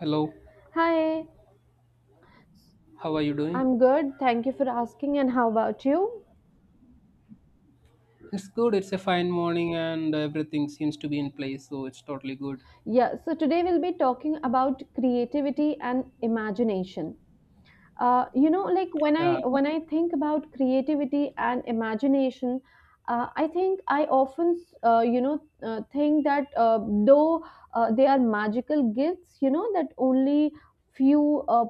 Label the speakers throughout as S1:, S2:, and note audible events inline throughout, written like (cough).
S1: Hello,
S2: Hi,
S1: how are you doing?
S2: I'm good. Thank you for asking. And how about you?
S1: It's good. It's a fine morning and everything seems to be in place, so it's totally good.
S2: Yeah, so today we'll be talking about creativity and imagination. You know, like when i
S1: Yeah,
S2: when i think about creativity and imagination, I think I often think that, though they are magical gifts, you know, that only few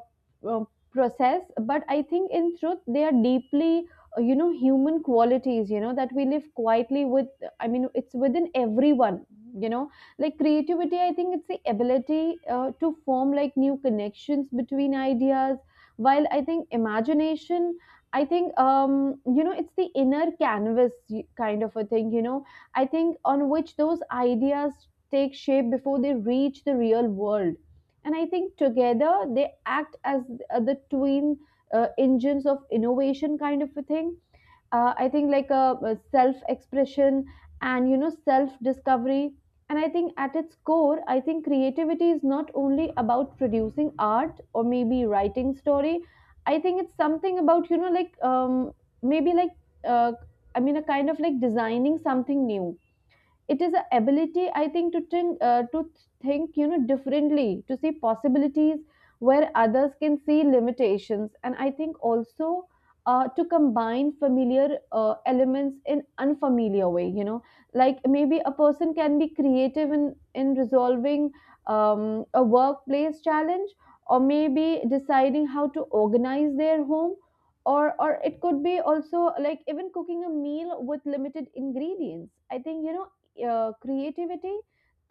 S2: uh, process, but I think in truth they are deeply, human qualities, you know, that we live quietly with. I mean, it's within everyone, you know. Like creativity, I think it's the ability to form like new connections between ideas, while I think imagination, I think you know, it's the inner canvas, kind of a thing, you know, I think, on which those ideas take shape before they reach the real world. And I think together they act as the twin engines of innovation, kind of a thing. I think, like a self expression and, you know, self discovery. And I think at its core, I think creativity is not only about producing art or maybe writing story. I think it's something about, you know, like maybe like, uh, I mean, a kind of like designing something new. It is a ability, I think, to think, to think, you know, differently, to see possibilities where others can see limitations. And I think also to combine familiar elements in unfamiliar way, you know. Like maybe a person can be creative in resolving a workplace challenge, or maybe deciding how to organize their home, or it could be also like even cooking a meal with limited ingredients. I think, you know, creativity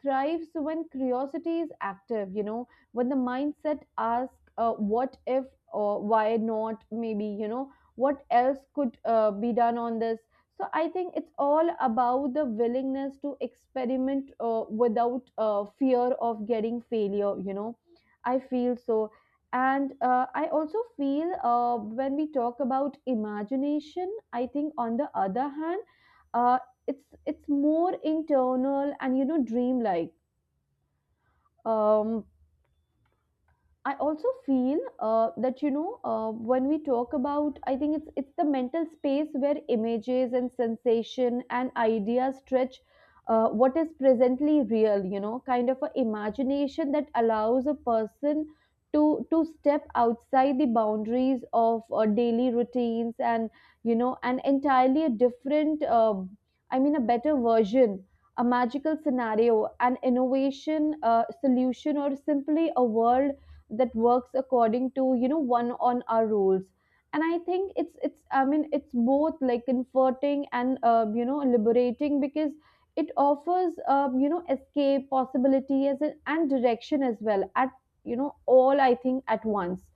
S2: thrives when curiosity is active, you know, when the mindset asks, what if, or why not, maybe, you know, what else could be done on this. So I think it's all about the willingness to experiment without fear of getting failure, you know, I feel so. And I also feel, when we talk about imagination, I think on the other hand, uh, it's more internal and, you know, dreamlike. um I also feel that, you know, when we talk about, I think it's the mental space where images and sensation and ideas stretch what is presently real. You know, kind of a imagination that allows a person to step outside the boundaries of daily routines and, you know, an entirely a different, I mean, a better version. A magical scenario, an innovation solution, or simply a world that works according to, you know, one on our rules. And I think it's, I mean it's both like comforting and, you know, liberating, because it offers you know, escape possibility as an, and direction as well at, you know, all, I think, at once.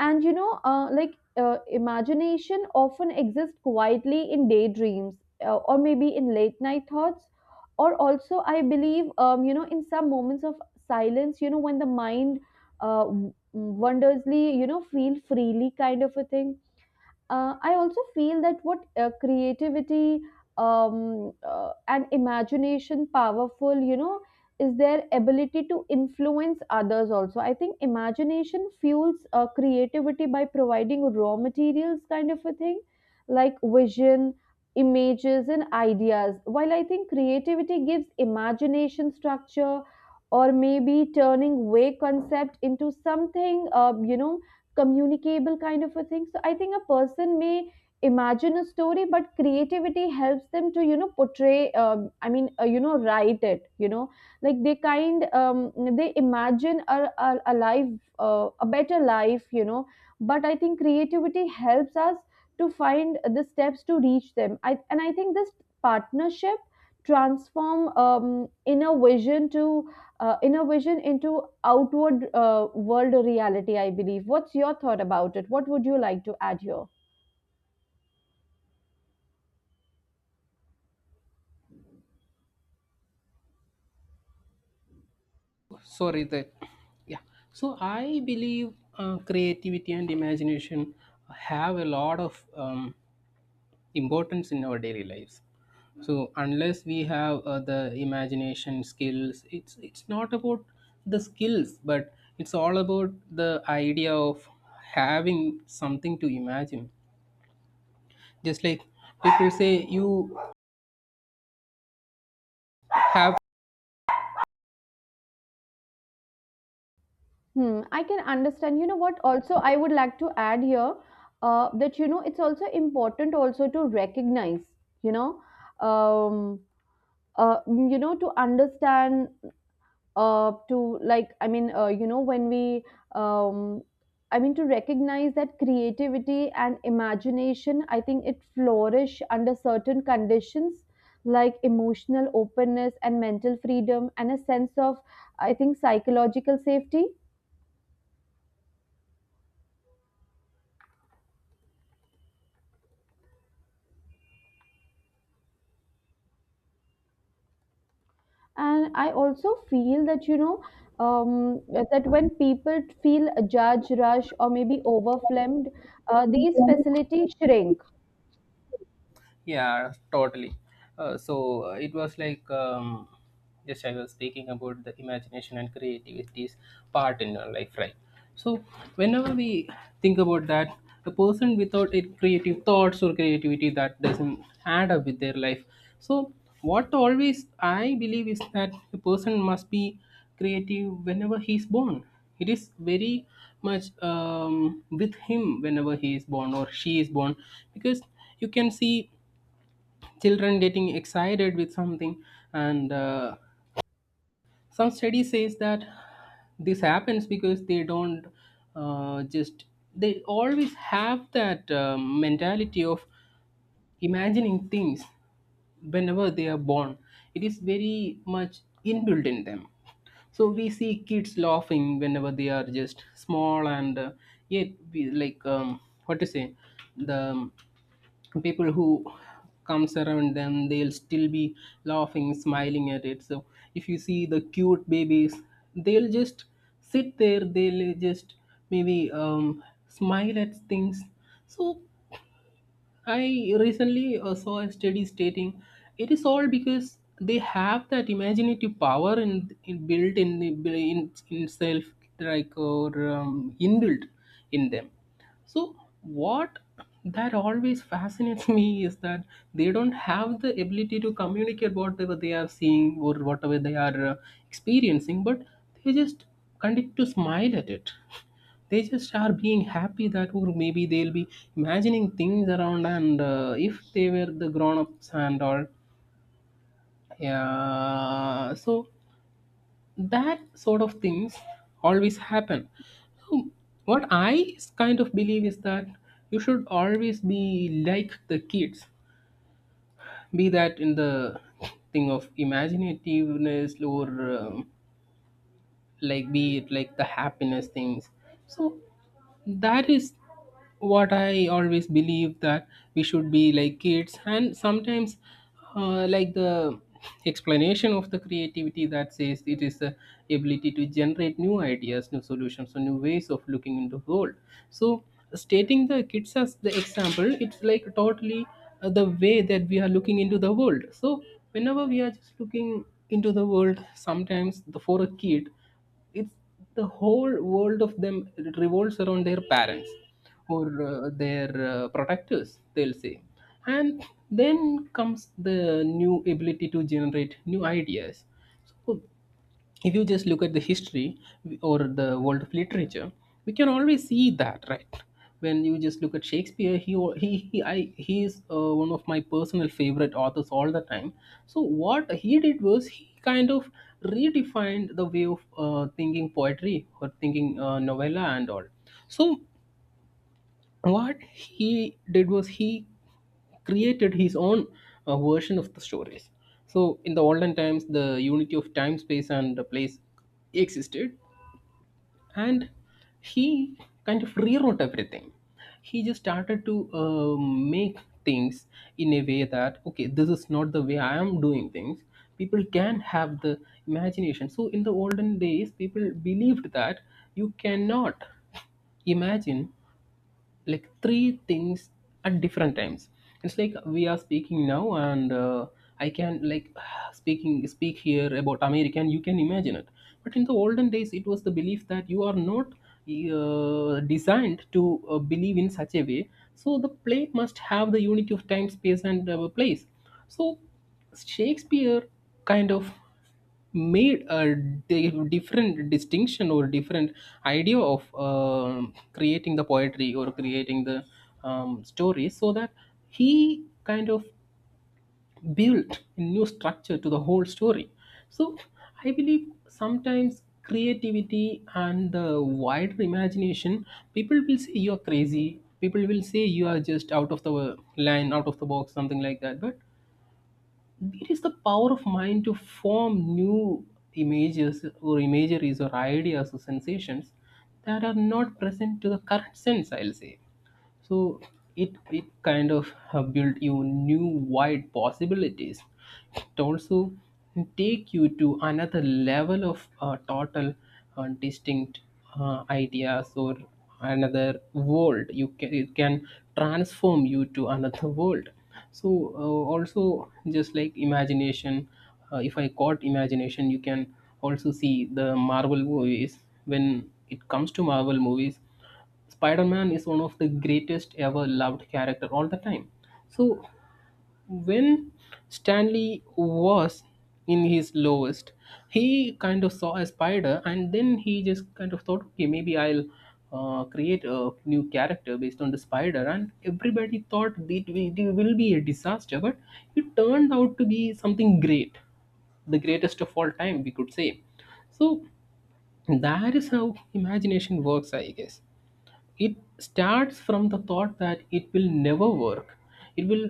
S2: And you know, like imagination often exists quietly in daydreams, or maybe in late night thoughts, or also I believe you know, in some moments of silence, you know, when the mind wondersly, you know, feel freely, kind of a thing. I also feel that what creativity and imagination powerful, you know, is their ability to influence others also. I think imagination fuels creativity by providing raw materials, kind of a thing, like vision, images, and ideas. While I think creativity gives imagination structure, or maybe turning vague concept into something, you know, communicable, kind of a thing. So I think a person may imagine a story, but creativity helps them to, you know, portray. I mean, you know, write it. You know, like they kind they imagine a life, a better life. You know, but I think creativity helps us to find the steps to reach them. I and I think this partnership transform inner vision to inner vision into outward world reality, I believe. What's your thought about it? What would you like to add here?
S1: sorry that. Yeah, so I believe creativity and imagination have a lot of importance in our daily lives. So unless we have the imagination skills, it's not about the skills, but it's all about the idea of having something to imagine, just like people say you have.
S2: Hmm, I can understand. You know what? Also, I would like to add here that, you know, it's also important also to recognize. You know, um, you know, to understand, to, like, I mean, you know, when we um, I mean, to recognize that creativity and imagination, I think it flourish under certain conditions, like emotional openness and mental freedom, and a sense of, I think, psychological safety. And I also feel that, you know, um, that when people feel a judge rush or maybe overwhelmed, these facilities shrink.
S1: Yeah, totally. So it was like just I was speaking about the imagination and creativity's part in our life, right? So whenever we think about that, a person without it creative thoughts or creativity that doesn't add up with their life. So what always I believe is that a person must be creative whenever he is born. It is very much with him whenever he is born or she is born, because you can see children getting excited with something, and some study says that this happens because they don't just, they always have that mentality of imagining things whenever they are born. It is very much inbuilt in them. So we see kids laughing whenever they are just small, and yet we, like, what to say, the people who comes around them, they'll still be laughing, smiling at it. So if you see the cute babies, they'll just sit there, they'll just maybe smile at things. So I recently saw a study stating it is all because they have that imaginative power in built in the in self, like, or inbuilt in them. So what that always fascinates (laughs) me is that they don't have the ability to communicate whatever they are seeing or whatever they are experiencing, but they just continue to smile at it. They just are being happy that, or maybe they'll be imagining things around, and if they were the grown ups and all. Yeah. So that sort of things always happen. So what I kind of believe is that you should always be like the kids. Be that in the thing of imaginativeness or um, like be it like the happiness things. So that is what I always believe, that we should be like kids. And sometimes like the explanation of the creativity that says it is the ability to generate new ideas, new solutions, or new ways of looking into world. So stating the kids as the example, it's like totally the way that we are looking into the world. So whenever we are just looking into the world, sometimes the, for a kid, it's the whole world of them revolves around their parents or their protectors, they'll say. And then comes the new ability to generate new ideas. So if you just look at the history or the world of literature, we can always see that, right? When you just look at Shakespeare, he is one of my personal favorite authors all the time. So what he did was he kind of redefined the way of thinking poetry or thinking novella and all. So what he did was he created his own version of the stories. So in the olden times, the unity of time, space, and the place existed, and he kind of rewrote everything. He just started to make things in a way that, okay, this is not the way I am doing things. People can have the imagination. So in the olden days, people believed that you cannot imagine like three things at different times. It's like we are speaking now, and I can, like, (sighs) speak here about America, and you can imagine it. But in the olden days, it was the belief that you are not designed to believe in such a way, so the play must have the unity of time, space, and place. So Shakespeare kind of made a different distinction or different idea of creating the poetry or creating the story, so that he kind of built a new structure to the whole story. So I believe sometimes creativity and the wider imagination, people will say you are crazy, people will say you are just out of the line, out of the box, something like that. But it is the power of mind to form new images or imageries or ideas or sensations that are not present to the current sense, I'll say. So it kind of built you new wide possibilities. It also take you to another level of total distinct ideas or another world. You can, it can transform you to another world. So uh, also just like imagination, if I caught imagination, you can also see the Marvel movies. When it comes to Marvel movies, Spider-Man is one of the greatest ever loved character all the time. So when Stanley was in his lowest, he kind of saw a spider, and then he just kind of thought, okay, maybe I'll create a new character based on the spider. And everybody thought it will be a disaster, but it turned out to be something great, the greatest of all time, we could say. So that is how imagination works, I guess. It starts from the thought that it will never work. It will,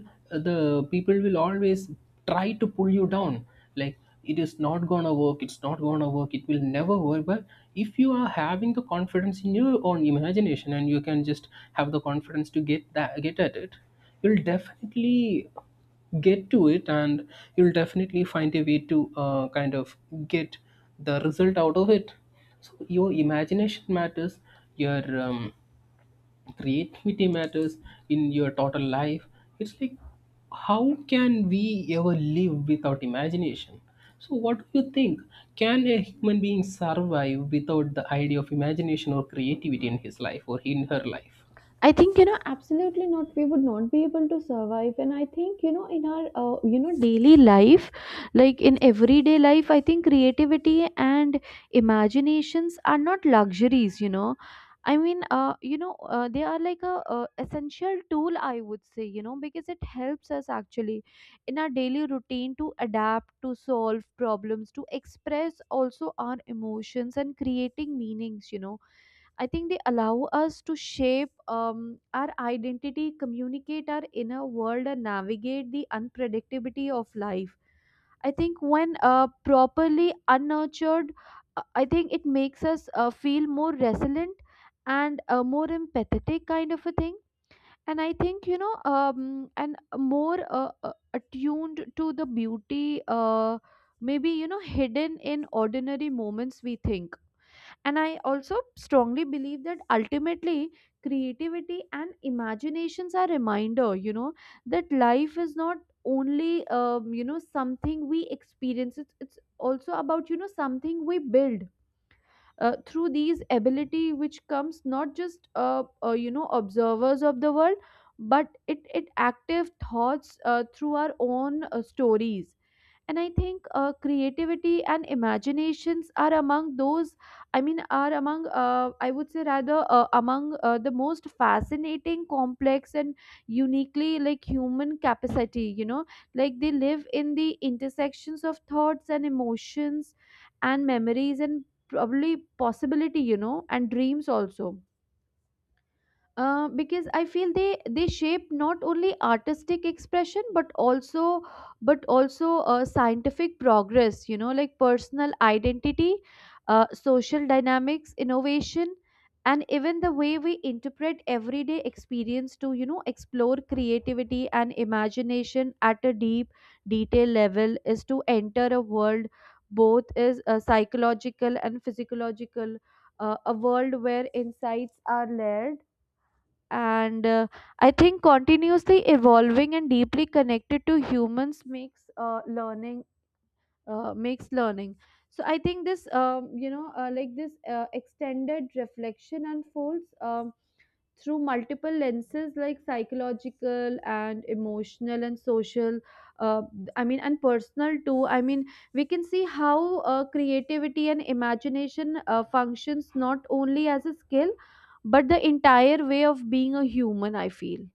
S1: the people will always try to pull you down, like, it is not gonna work, it's not gonna work, it will never work. But if you are having the confidence in your own imagination, and you can just have the confidence to get that, get at it, you'll definitely get to it, and you'll definitely find a way to kind of get the result out of it. So your imagination matters, your creativity matters in your total life. It's like, how can we ever live without imagination? So what do you think, can a human being survive without the idea of imagination or creativity in his life or in her life?
S2: I think, you know, absolutely not. We would not be able to survive. And I think, you know, in our, you know, daily life, like in everyday life, I think creativity and imaginations are not luxuries, you know. I mean, you know, they are like a, essential tool, I would say, you know, because it helps us actually in our daily routine to adapt, to solve problems, to express also our emotions and creating meanings, you know. I think they allow us to shape our identity, communicate our inner world, and navigate the unpredictability of life. I think when properly unnurtured, I think it makes us feel more resilient and more empathetic, kind of a thing. And I think, you know, and more attuned to the beauty, maybe, you know, hidden in ordinary moments, we think. And I also strongly believe that ultimately creativity and imaginations are reminder, you know, that life is not only you know, something we experience, it's also about, you know, something we build through these ability, which comes not just you know, observers of the world, but it active thoughts through our own stories. And I think creativity and imaginations are among those, I mean are among I would say rather among the most fascinating complex and uniquely like human capacity, you know. Like they live in the intersections of thoughts and emotions and memories and probably possibility, you know, and dreams also. Because I feel they shape not only artistic expression, but also scientific progress. You know, like personal identity, social dynamics, innovation, and even the way we interpret everyday experience. To, you know, explore creativity and imagination at a deep detail level is to enter a world both is psychological and physiological, a world where insights are layered and, I think, continuously evolving and deeply connected to humans makes learning makes learning. So I think this you know, like this extended reflection unfolds, through multiple lenses like psychological and emotional and social, uh, I mean, and personal too. I mean, we can see how creativity and imagination functions not only as a skill but the entire way of being a human, I feel.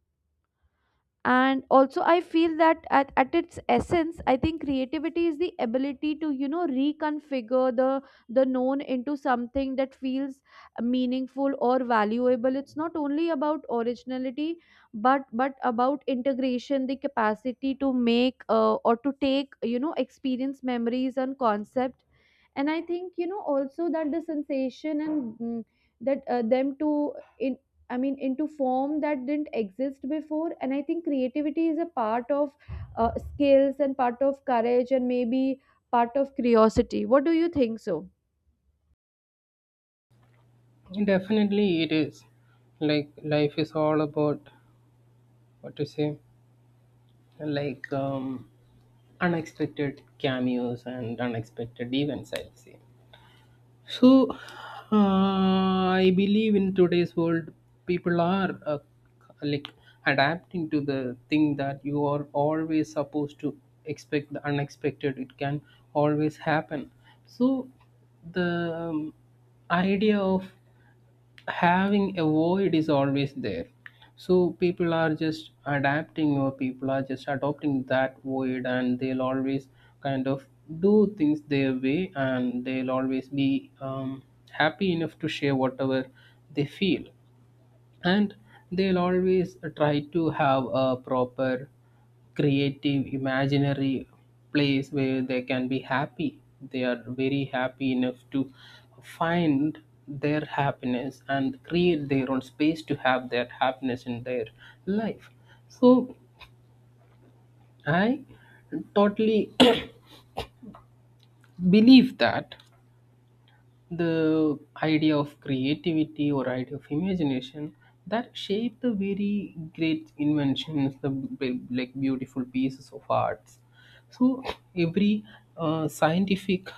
S2: And also I feel that at its essence, I think creativity is the ability to, you know, reconfigure the known into something that feels meaningful or valuable. It's not only about originality but about integration, the capacity to make, or to take, you know, experience memories and concept, and I think, you know, also that the sensation and that them to in, I mean, into form that didn't exist before. And I think creativity is a part of skills and part of courage and maybe part of curiosity. What do you think so?
S1: Definitely it is, like life is all about, what to say, like unexpected cameos and unexpected events, I'll say. So, I believe in today's world, people are like adapting to the thing that you are always supposed to expect the unexpected. It can always happen. So, the idea of having a void is always there. So people are just adapting, or people are just adopting that void, and they'll always kind of do things their way, and they'll always be happy enough to share whatever they feel, and they'll always try to have a proper creative imaginary place where they can be happy. They are very happy enough to find their happiness and create their own space to have that happiness in their life. So I totally (coughs) (clears throat) believe that the idea of creativity or idea of imagination that shape the very great inventions, the like beautiful pieces of arts. So every scientific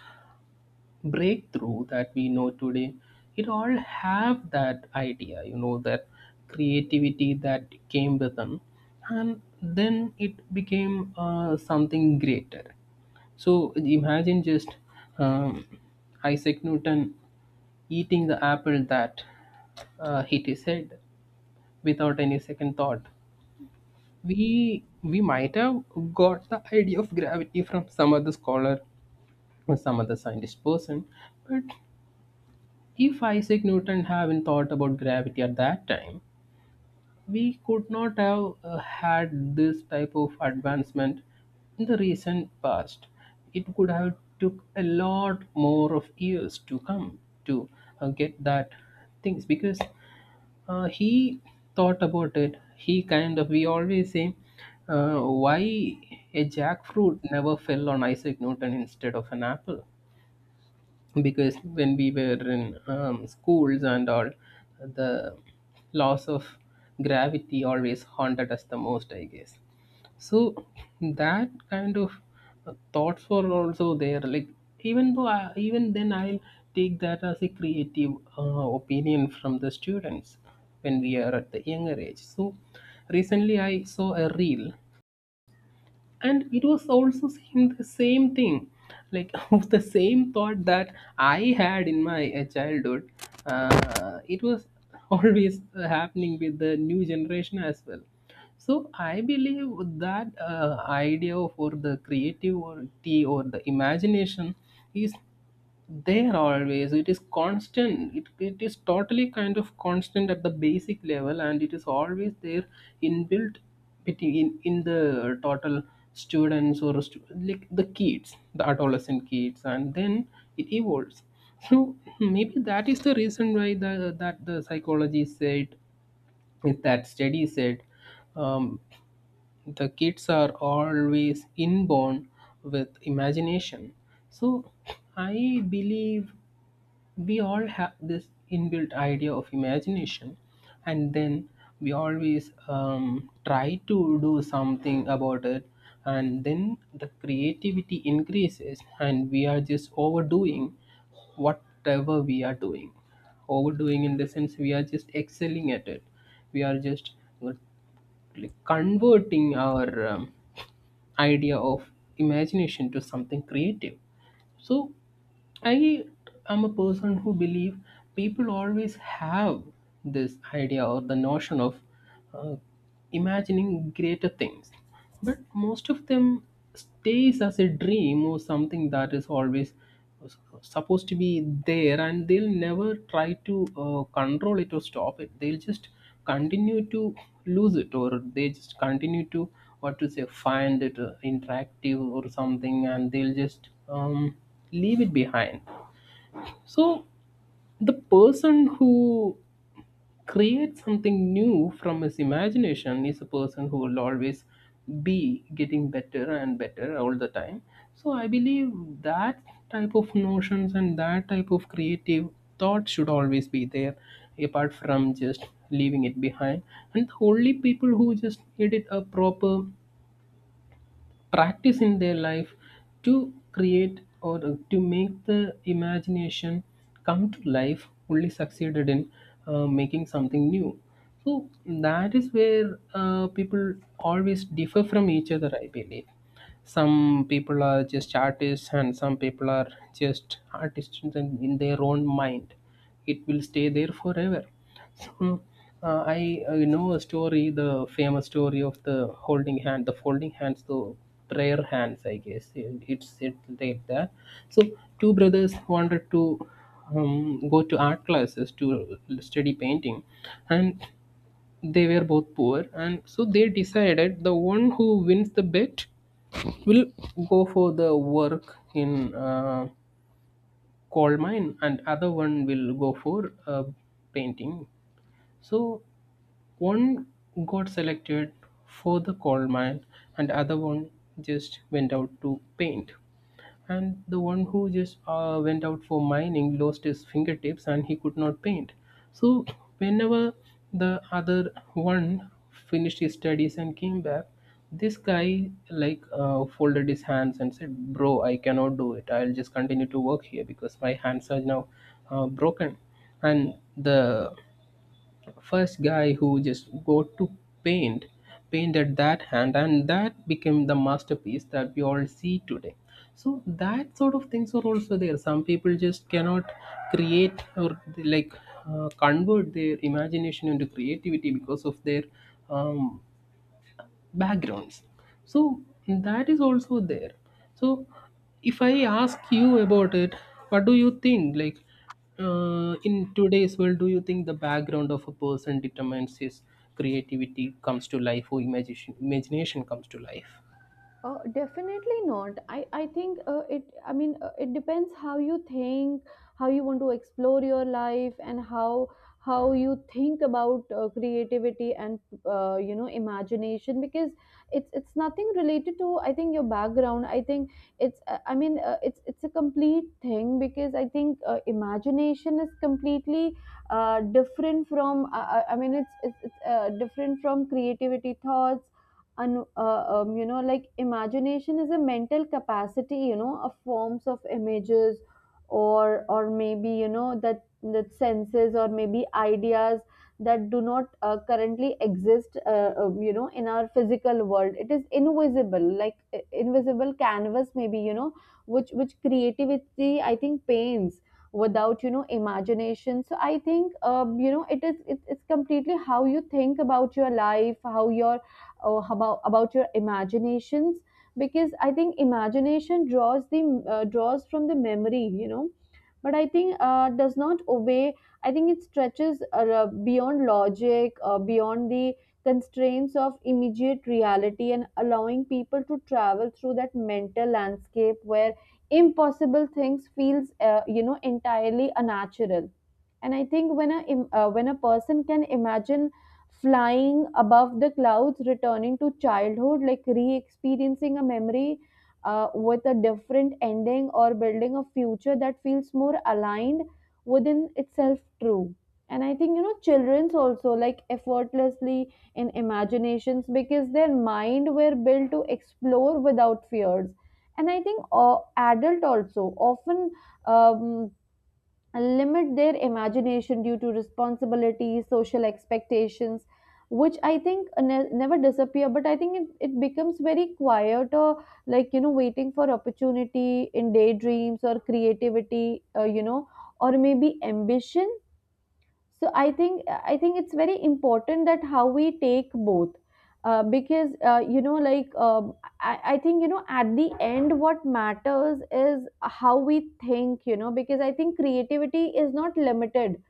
S1: breakthrough that we know today, it all have that idea, you know, that creativity that came with them, and then it became something greater. So imagine just um, Isaac Newton eating the apple that Hitty said without any second thought. We might have got the idea of gravity from some other scholar or some other scientist person, but if Isaac Newton hadn't thought about gravity at that time, we could not have had this type of advancement in the recent past. It could have took a lot more of years to come to get that things, because he thought about it. He kind of, we always say, why a jackfruit never fell on Isaac Newton instead of an apple? Because when we were in schools and all, the laws of gravity always haunted us the most, I guess. So that kind of thoughts were also there, like even though even then I'll take that as a creative opinion from the students when we are at the younger age. So recently I saw a reel and it was also same, the same thing, like (laughs) the same thought that I had in my childhood. It was (laughs) always happening with the new generation as well. So I believe that idea for the creativity or the imagination is there always. It is constant. It is totally kind of constant at the basic level and it is always there, inbuilt between in the total students or like the kids, the adolescent kids, and then it evolves. So maybe that is the reason why the that the psychology said, is that study said, um, the kids are always inborn with imagination. So I believe we all have this inbuilt idea of imagination, and then we always try to do something about it, and then the creativity increases and we are just overdoing whatever we are doing. Overdoing in the sense, we are just excelling at it. We are just like converting our idea of imagination to something creative. So I am a person who believe people always have this idea or the notion of uh, imagining greater things, but most of them stays as a dream or something that is always uh, supposed to be there, and they'll never try to control it or stop it. They'll just continue to lose it, or they just continue to, what to say, find it interactive or something, and they'll just leave it behind. So, the person who creates something new from his imagination is a person who will always be getting better and better all the time. So, I believe that type of notions and that type of creative thought should always be there, apart from just leaving it behind. And only people who just made it a proper practice in their life to create or to make the imagination come to life only succeeded in making something new. So that is where people always differ from each other, I believe. Some people are just artists and some people are just artists in their own mind. It will stay there forever. So I know a story, the famous story of the holding hand the folding hands, the prayer hands, I guess, and it's it like that. So two brothers wanted to go to art classes to study painting, and they were both poor, and so they decided the one who wins the bet will go for the work in coal mine and other one will go for painting. So one got selected for the coal mine and other one just went out to paint. And the one who just went out for mining lost his fingertips and he could not paint. So, whenever the other one finished his studies and came back, this guy like folded his hands and said, "Bro, I cannot do it. I'll just continue to work here because my hands are now broken." And the first guy who just go to paint painted that hand and that became the masterpiece that we all see today. So that sort of things are also there. Some people just cannot create or like convert their imagination into creativity because of their um, backgrounds. So that is also there. So if I ask you about it, what do you think, like in today's world, do you think the background of a person determines his creativity comes to life or imagination comes to life?
S2: Definitely not. I think I mean, it depends how you think, how you want to explore your life, and how you think about creativity and, you know, imagination, because it's nothing related to, I think, your background. I think it's, I mean, it's a complete thing, because I think imagination is completely different from, I mean, it's different from creativity thoughts. You know, like imagination is a mental capacity, you know, of forms of images, or maybe, you know, that senses or maybe ideas that do not currently exist you know, in our physical world. It is invisible, like invisible canvas, maybe, you know, which creativity, I think, paints without, you know, imagination. So I think, you know, it is it, it's completely how you think about your life, how your or about your imaginations, because I think imagination draws the draws from the memory, you know, but I think does not obey. I think it stretches beyond logic, beyond the constraints of immediate reality, and allowing people to travel through that mental landscape where impossible things feels, you know, entirely unnatural. And I think when when a person can imagine flying above the clouds, returning to childhood, like re-experiencing a memory with a different ending, or building a future that feels more aligned within itself true. And I think, you know, children's also like effortlessly in imaginations, because their mind were built to explore without fears. And I think adult also often um, and limit their imagination due to responsibilities, social expectations, which I think never disappear, but I think it, it becomes very quiet or, like, you know, waiting for opportunity in daydreams or creativity, you know, or maybe ambition. So I think it's very important that how we take both, because, you know, like, I think, you know, at the end what matters is how we think, you know, because I think creativity is not limited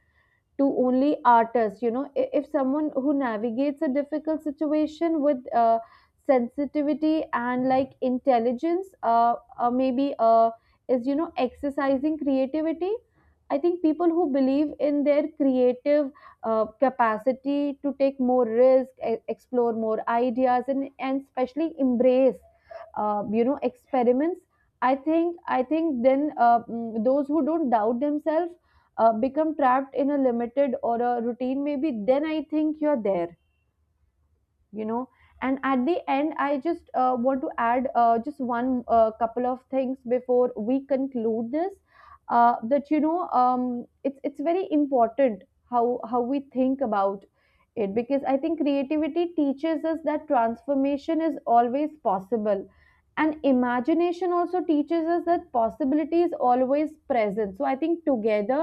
S2: to only artists, you know. If someone who navigates a difficult situation with sensitivity and like intelligence, maybe is, you know, exercising creativity. I think people who believe in their creative capacity to take more risk, explore more ideas, and especially embrace you know, experiments. I think then, those who don't doubt themselves become trapped in a limited or a routine, maybe, then I think you're there, you know. And at the end, I just want to add just one couple of things before we conclude this, that, you know, it's very important how we think about it, because I think creativity teaches us that transformation is always possible, and imagination also teaches us that possibility is always present. So I think together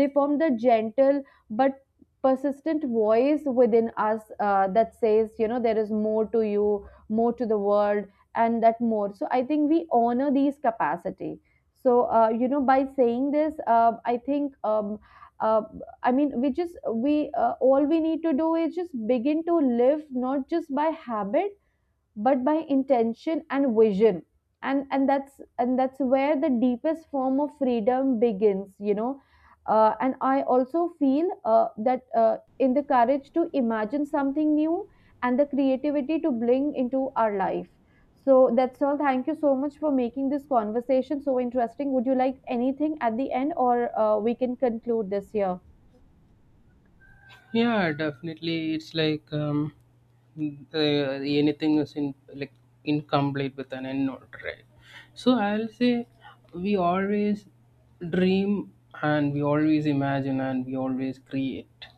S2: they form the gentle but persistent voice within us that says, you know, there is more to you, more to the world. And that more, so I think we honor these capacity. So you know, by saying this, uh, I mean, we just we all we need to do is just begin to live, not just by habit but by intention and vision. And that's where the deepest form of freedom begins, you know. And I also feel that, in the courage to imagine something new, and the creativity to bring into our life. So that's all, thank you so much for making this conversation so interesting. Would you like anything at the end, or we can conclude this here?
S1: Yeah, definitely. It's like, the, anything is in like incomplete with an end note, right? So I'll say we always dream and we always imagine and we always create.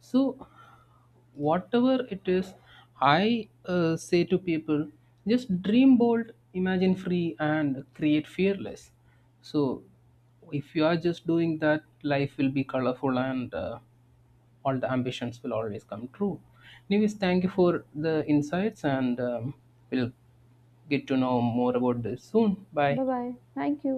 S1: So whatever it is, I say to people, just dream bold, imagine free, and create fearless. So if you are just doing that, life will be colorful and all the ambitions will always come true. Anyways, thank you for the insights, and we'll get to know more about this soon. Bye.
S2: Bye bye, thank you.